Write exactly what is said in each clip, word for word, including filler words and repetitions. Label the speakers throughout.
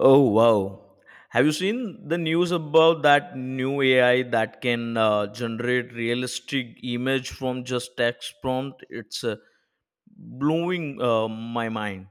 Speaker 1: Oh wow! Have you seen the news about that new A I that can uh, generate realistic image from just text prompt? It's uh, blowing uh, my mind.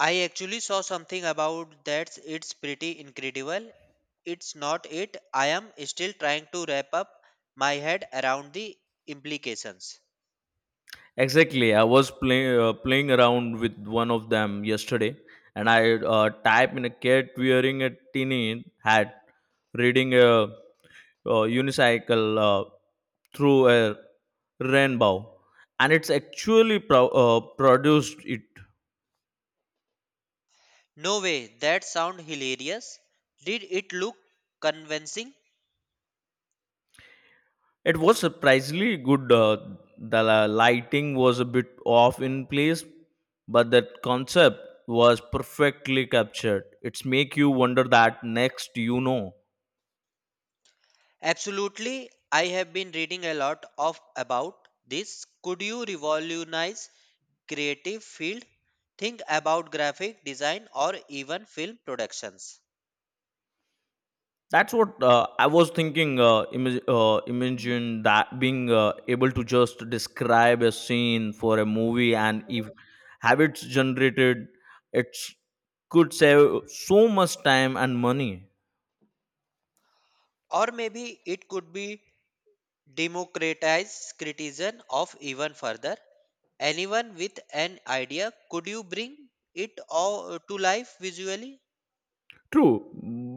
Speaker 2: I actually saw something about that. It's pretty incredible. It's not it. I am still trying to wrap up my head around the implications.
Speaker 1: Exactly, I was playing uh, playing around with one of them yesterday, and I uh, type in a cat wearing a tiny hat, reading a uh, unicycle uh, through a rainbow, and it's actually pro- uh, produced it.
Speaker 2: No way. That sound hilarious. Did it look convincing?
Speaker 1: It was surprisingly good. Uh, the la- lighting was a bit off in place, but the concept was perfectly captured. It's make you wonder that next you know.
Speaker 2: Absolutely. I have been reading a lot of about this. Could you revolutionize creative field? Think about graphic design or even film productions.
Speaker 1: That's what uh, I was thinking. Uh, imag- uh, imagine that being uh, able to just describe a scene for a movie, and if habits generated, it could save so much time and money.
Speaker 2: Or maybe it could be democratize criticism of even further. Anyone with an idea, could you bring it all to life visually?
Speaker 1: True,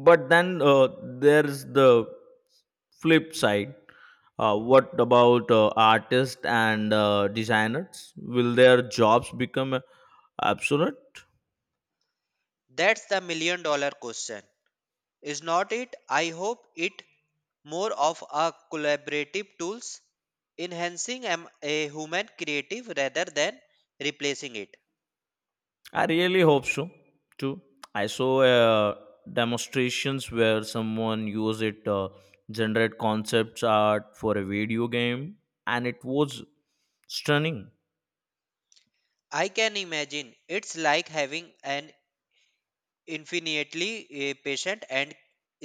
Speaker 1: but then uh, there's the flip side. Uh, what about uh, artists and uh, designers? Will their jobs become uh, obsolete?
Speaker 2: That's the million dollar question. Is not it? I hope it more of a collaborative tools enhancing am- a human creative rather than replacing it.
Speaker 1: I really hope so too. I saw uh, demonstrations where someone used it uh, generate concepts art for a video game, and it was stunning.
Speaker 2: I can imagine it's like having an infinitely a patient and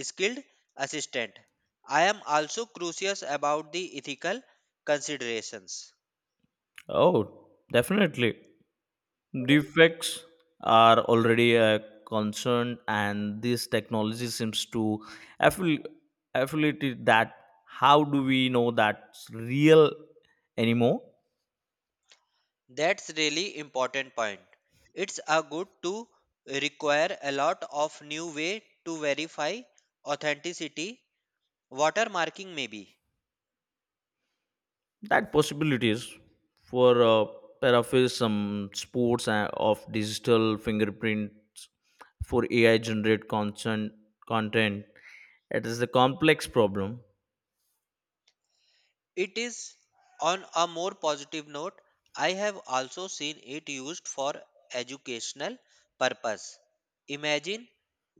Speaker 2: skilled assistant. I am also curious about the ethical considerations.
Speaker 1: Oh, definitely. Defects are already a concern, and this technology seems to affil- affiliate it that how do we know that's real anymore.
Speaker 2: That's really important point. It's a good to require a lot of new way to verify authenticity, watermarking maybe.
Speaker 1: That possibilities for uh, paraphrase some sports uh, of digital fingerprints for ai generate content content, it is a complex problem.
Speaker 2: It is on a more positive note, I have also seen it used for educational purpose. Imagine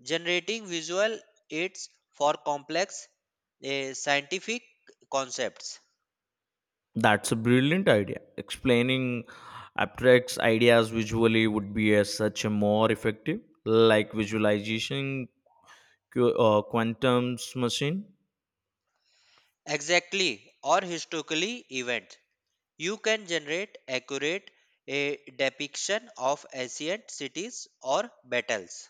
Speaker 2: generating visual aids for complex eh, scientific concepts.
Speaker 1: That's a brilliant idea. Explaining abstract ideas visually would be a, such a more effective, like visualization qu- uh, quantum's machine.
Speaker 2: Exactly, or historically event. You can generate accurate a depiction of ancient cities or battles.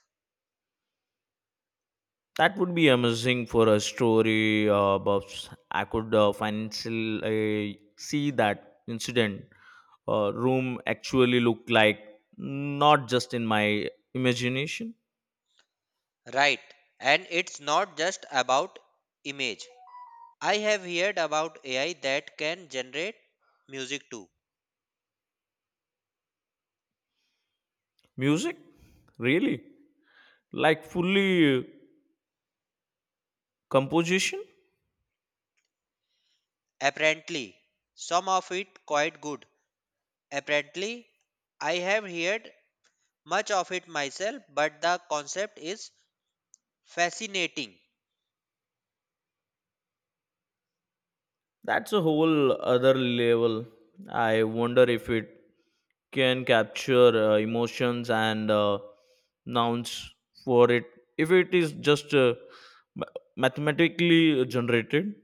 Speaker 1: That would be amazing for a story uh, buffs. I could uh, financially uh, see that incident uh, room actually look like, not just in my imagination.
Speaker 2: Right, and it's not just about image. I have heard about A I that can generate music too.
Speaker 1: Music, really, like fully composition.
Speaker 2: Apparently, some of it quite good. Apparently, I have heard much of it myself, but the concept is fascinating.
Speaker 1: That's a whole other level. I wonder if it can capture uh, emotions and uh, nouns for it. If it is just uh, ma- mathematically generated,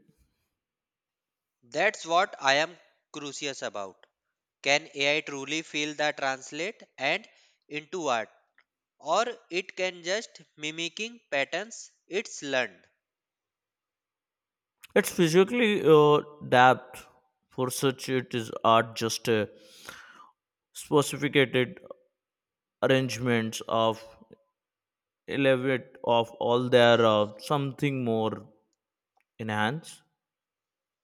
Speaker 2: That's what I am curious about. Can A I truly feel the translate and into art, or it can just mimicking patterns it's learned?
Speaker 1: it's physically uh, dapped. For such, it is art just a specificated arrangements of elevate of all their uh, something more enhanced.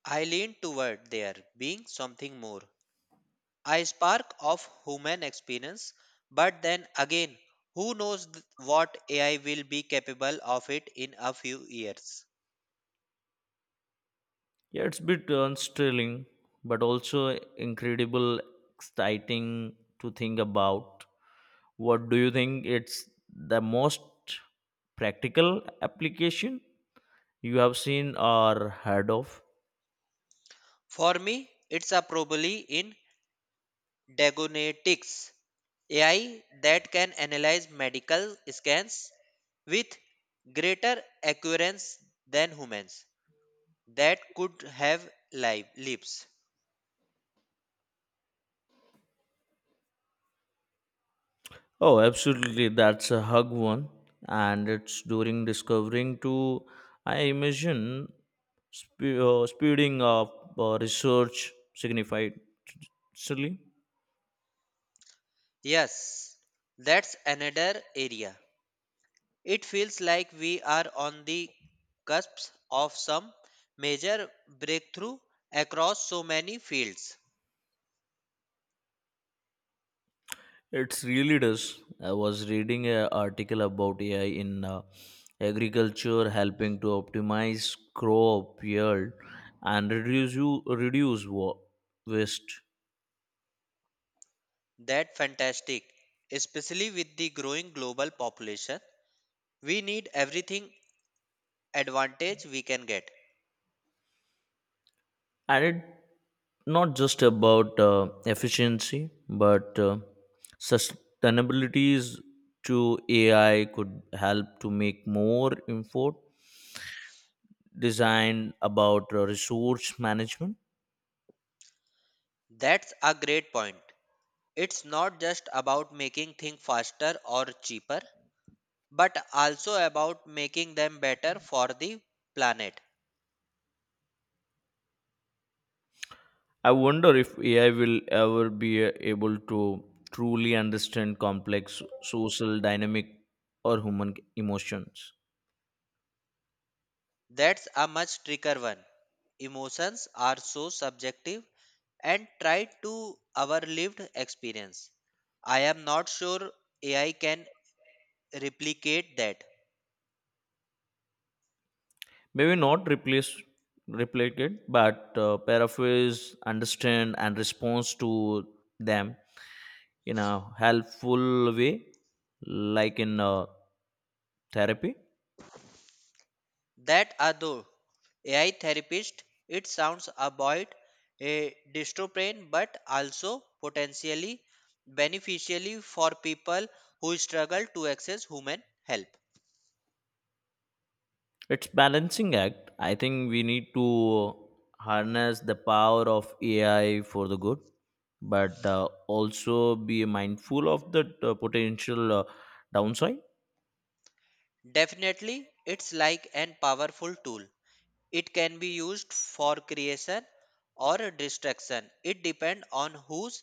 Speaker 2: I lean toward there being something more, I spark of human experience, but then again, who knows th- what A I will be capable of it in a few years?
Speaker 1: Yeah, it's a bit unsettling, but also incredible, exciting to think about. What do you think it's the most practical application you have seen or heard of?
Speaker 2: For me, it's a probably in diagnostics A I that can analyze medical scans with greater accuracy than humans that could have live lives.
Speaker 1: Oh, absolutely. That's a hug one. And it's during discovering to, I imagine, spe- uh, speeding up uh, research significantly.
Speaker 2: Yes, that's another area. It feels like we are on the cusp of some major breakthrough across so many fields.
Speaker 1: It really does. I was reading an article about A I in uh, agriculture helping to optimize crop yield and reduce you reduce wa- waste.
Speaker 2: That fantastic, especially with the growing global population. We need everything advantage we can get.
Speaker 1: And it not just about uh, efficiency, but uh, sustainabilities to A I could help to make more info design about uh, resource management.
Speaker 2: That's a great point. It's not just about making things faster or cheaper, but also about making them better for the planet.
Speaker 1: I wonder if A I will ever be uh, able to truly understand complex social dynamic or human emotions.
Speaker 2: That's a much trickier one. Emotions are so subjective and try to our lived experience. I am not sure A I can replicate that.
Speaker 1: Maybe not replace replicate, but uh, paraphrase, understand, and response to them in a helpful way, like in uh, therapy.
Speaker 2: That although A I therapist, it sounds about a dystrophin but also potentially beneficially for people who struggle to access human help.
Speaker 1: It's balancing act. I think we need to harness the power of A I for the good, but uh, also be mindful of the uh, potential uh, downside.
Speaker 2: Definitely, it's like an powerful tool. It can be used for creation or distraction. It depends on who's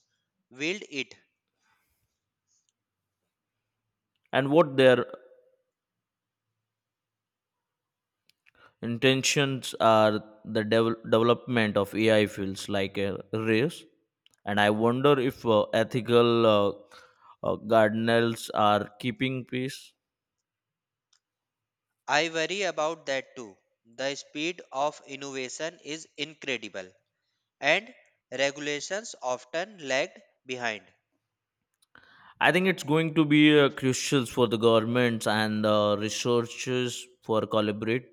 Speaker 2: wield it.
Speaker 1: And what their intentions are. The devel- development of A I feels like a race, and I wonder if uh, ethical uh, uh, guardrails are keeping pace.
Speaker 2: I worry about that too. The speed of innovation is incredible and regulations often lag behind.
Speaker 1: I think it's going to be uh, crucial for the governments and uh, researchers for collaborate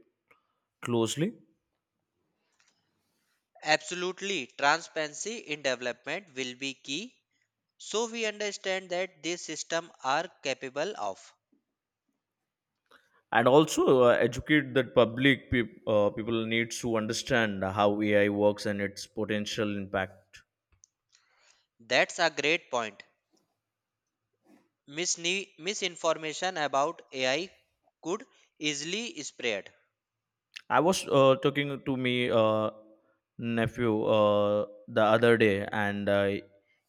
Speaker 1: closely.
Speaker 2: Absolutely, transparency in development will be key so we understand that these systems are capable of.
Speaker 1: And also uh, educate that public peop- uh, people needs to understand how A I works and its potential impact.
Speaker 2: That's a great point. Misne- misinformation about A I could easily spread.
Speaker 1: I was uh, talking to me uh, nephew uh, the other day, and uh,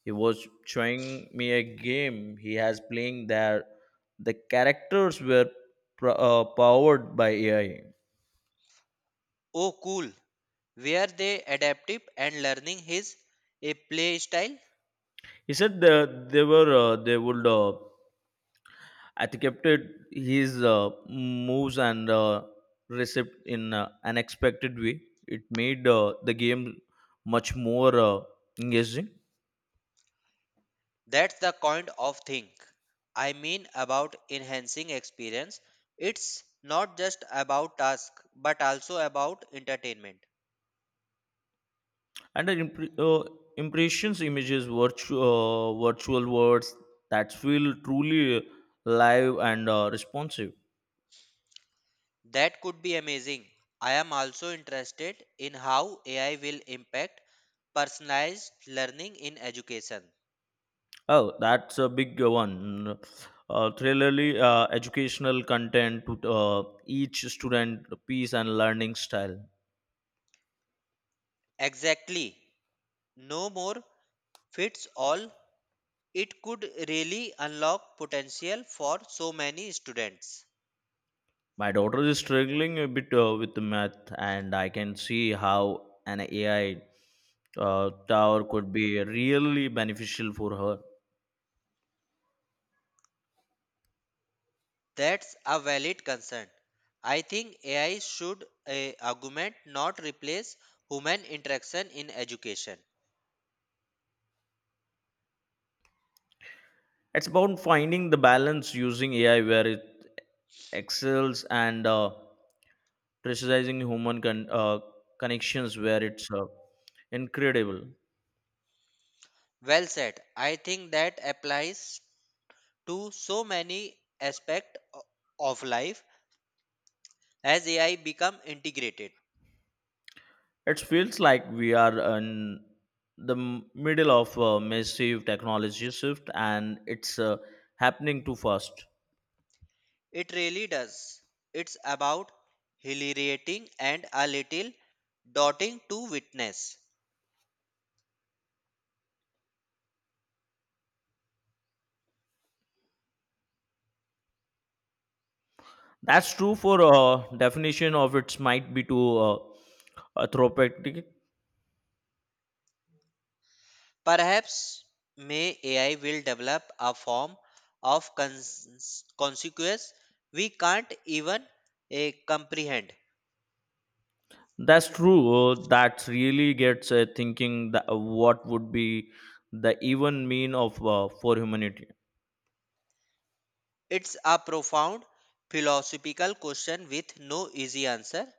Speaker 1: he was showing me a game he has playing there. The characters were pro- uh, powered by A I.
Speaker 2: Oh, cool. Were they adaptive and learning is a play style?
Speaker 1: He said that they were uh, they would uh, etiquetted his uh, moves and uh, recept in uh, an expected way. It made uh, the game much more uh, engaging,
Speaker 2: That's the kind of thing I mean about enhancing experience. It's not just about task but also about entertainment.
Speaker 1: and the impre- uh, impressions images virtu- uh, virtual words that feel truly live and uh, responsive.
Speaker 2: That could be amazing. I am also interested in how A I will impact personalized learning in education.
Speaker 1: Oh, that's a big one. Uh, thrillerly uh, educational content to uh, each student piece and learning style.
Speaker 2: Exactly. No more fits all. It could really unlock potential for so many students.
Speaker 1: My daughter is struggling a bit uh, with the math, and I can see how an A I uh, tower could be really beneficial for her.
Speaker 2: That's a valid concern. I think A I should uh, augment, not replace, human interaction in education.
Speaker 1: It's about finding the balance using A I where it excels and uh, precising human con- uh, connections where it's uh, incredible.
Speaker 2: Well said. I think that applies to so many aspects of life as A I become integrated.
Speaker 1: It feels like we are in the m- middle of a massive technology shift, and it's uh, happening too fast.
Speaker 2: It really does. It's about hilariating and a little dotting to witness.
Speaker 1: That's true for uh, definition of its might be to uh, anthropopathic.
Speaker 2: Perhaps may A I will develop a form of cons- consequence we can't even eh, comprehend.
Speaker 1: That's true. Uh, that really gets uh, thinking that what would be the even mean of uh, for humanity.
Speaker 2: It's a profound philosophical question with no easy answer.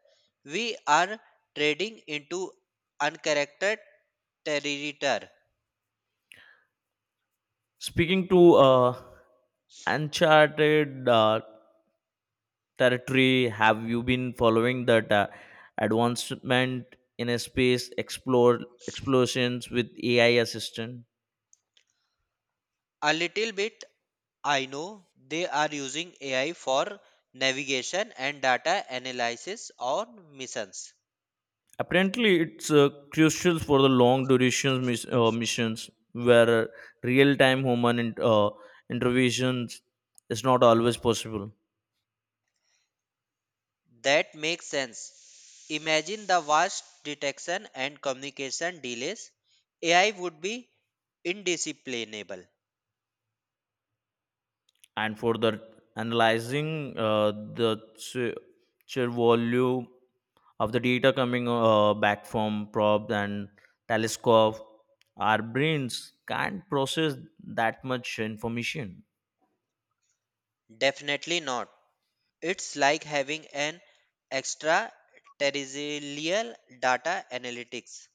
Speaker 2: We are trading into uncharactered territory.
Speaker 1: Speaking to uh, uncharted uh, territory, have you been following that uh, advancement in a space explore explosions with A I assistant?
Speaker 2: A little bit, I know they are using A I for navigation and data analysis on missions.
Speaker 1: Apparently, it's uh, crucial for the long duration mis- uh, missions where real time human in- uh, interventions is not always possible.
Speaker 2: That makes sense. Imagine the vast detection and communication delays. A I would be indisciplinable.
Speaker 1: And for the analyzing uh, the sheer sheer volume of the data coming uh, back from probes and telescope, our brains can't process that much information.
Speaker 2: Definitely not. It's like having an extra terrestrial data analytics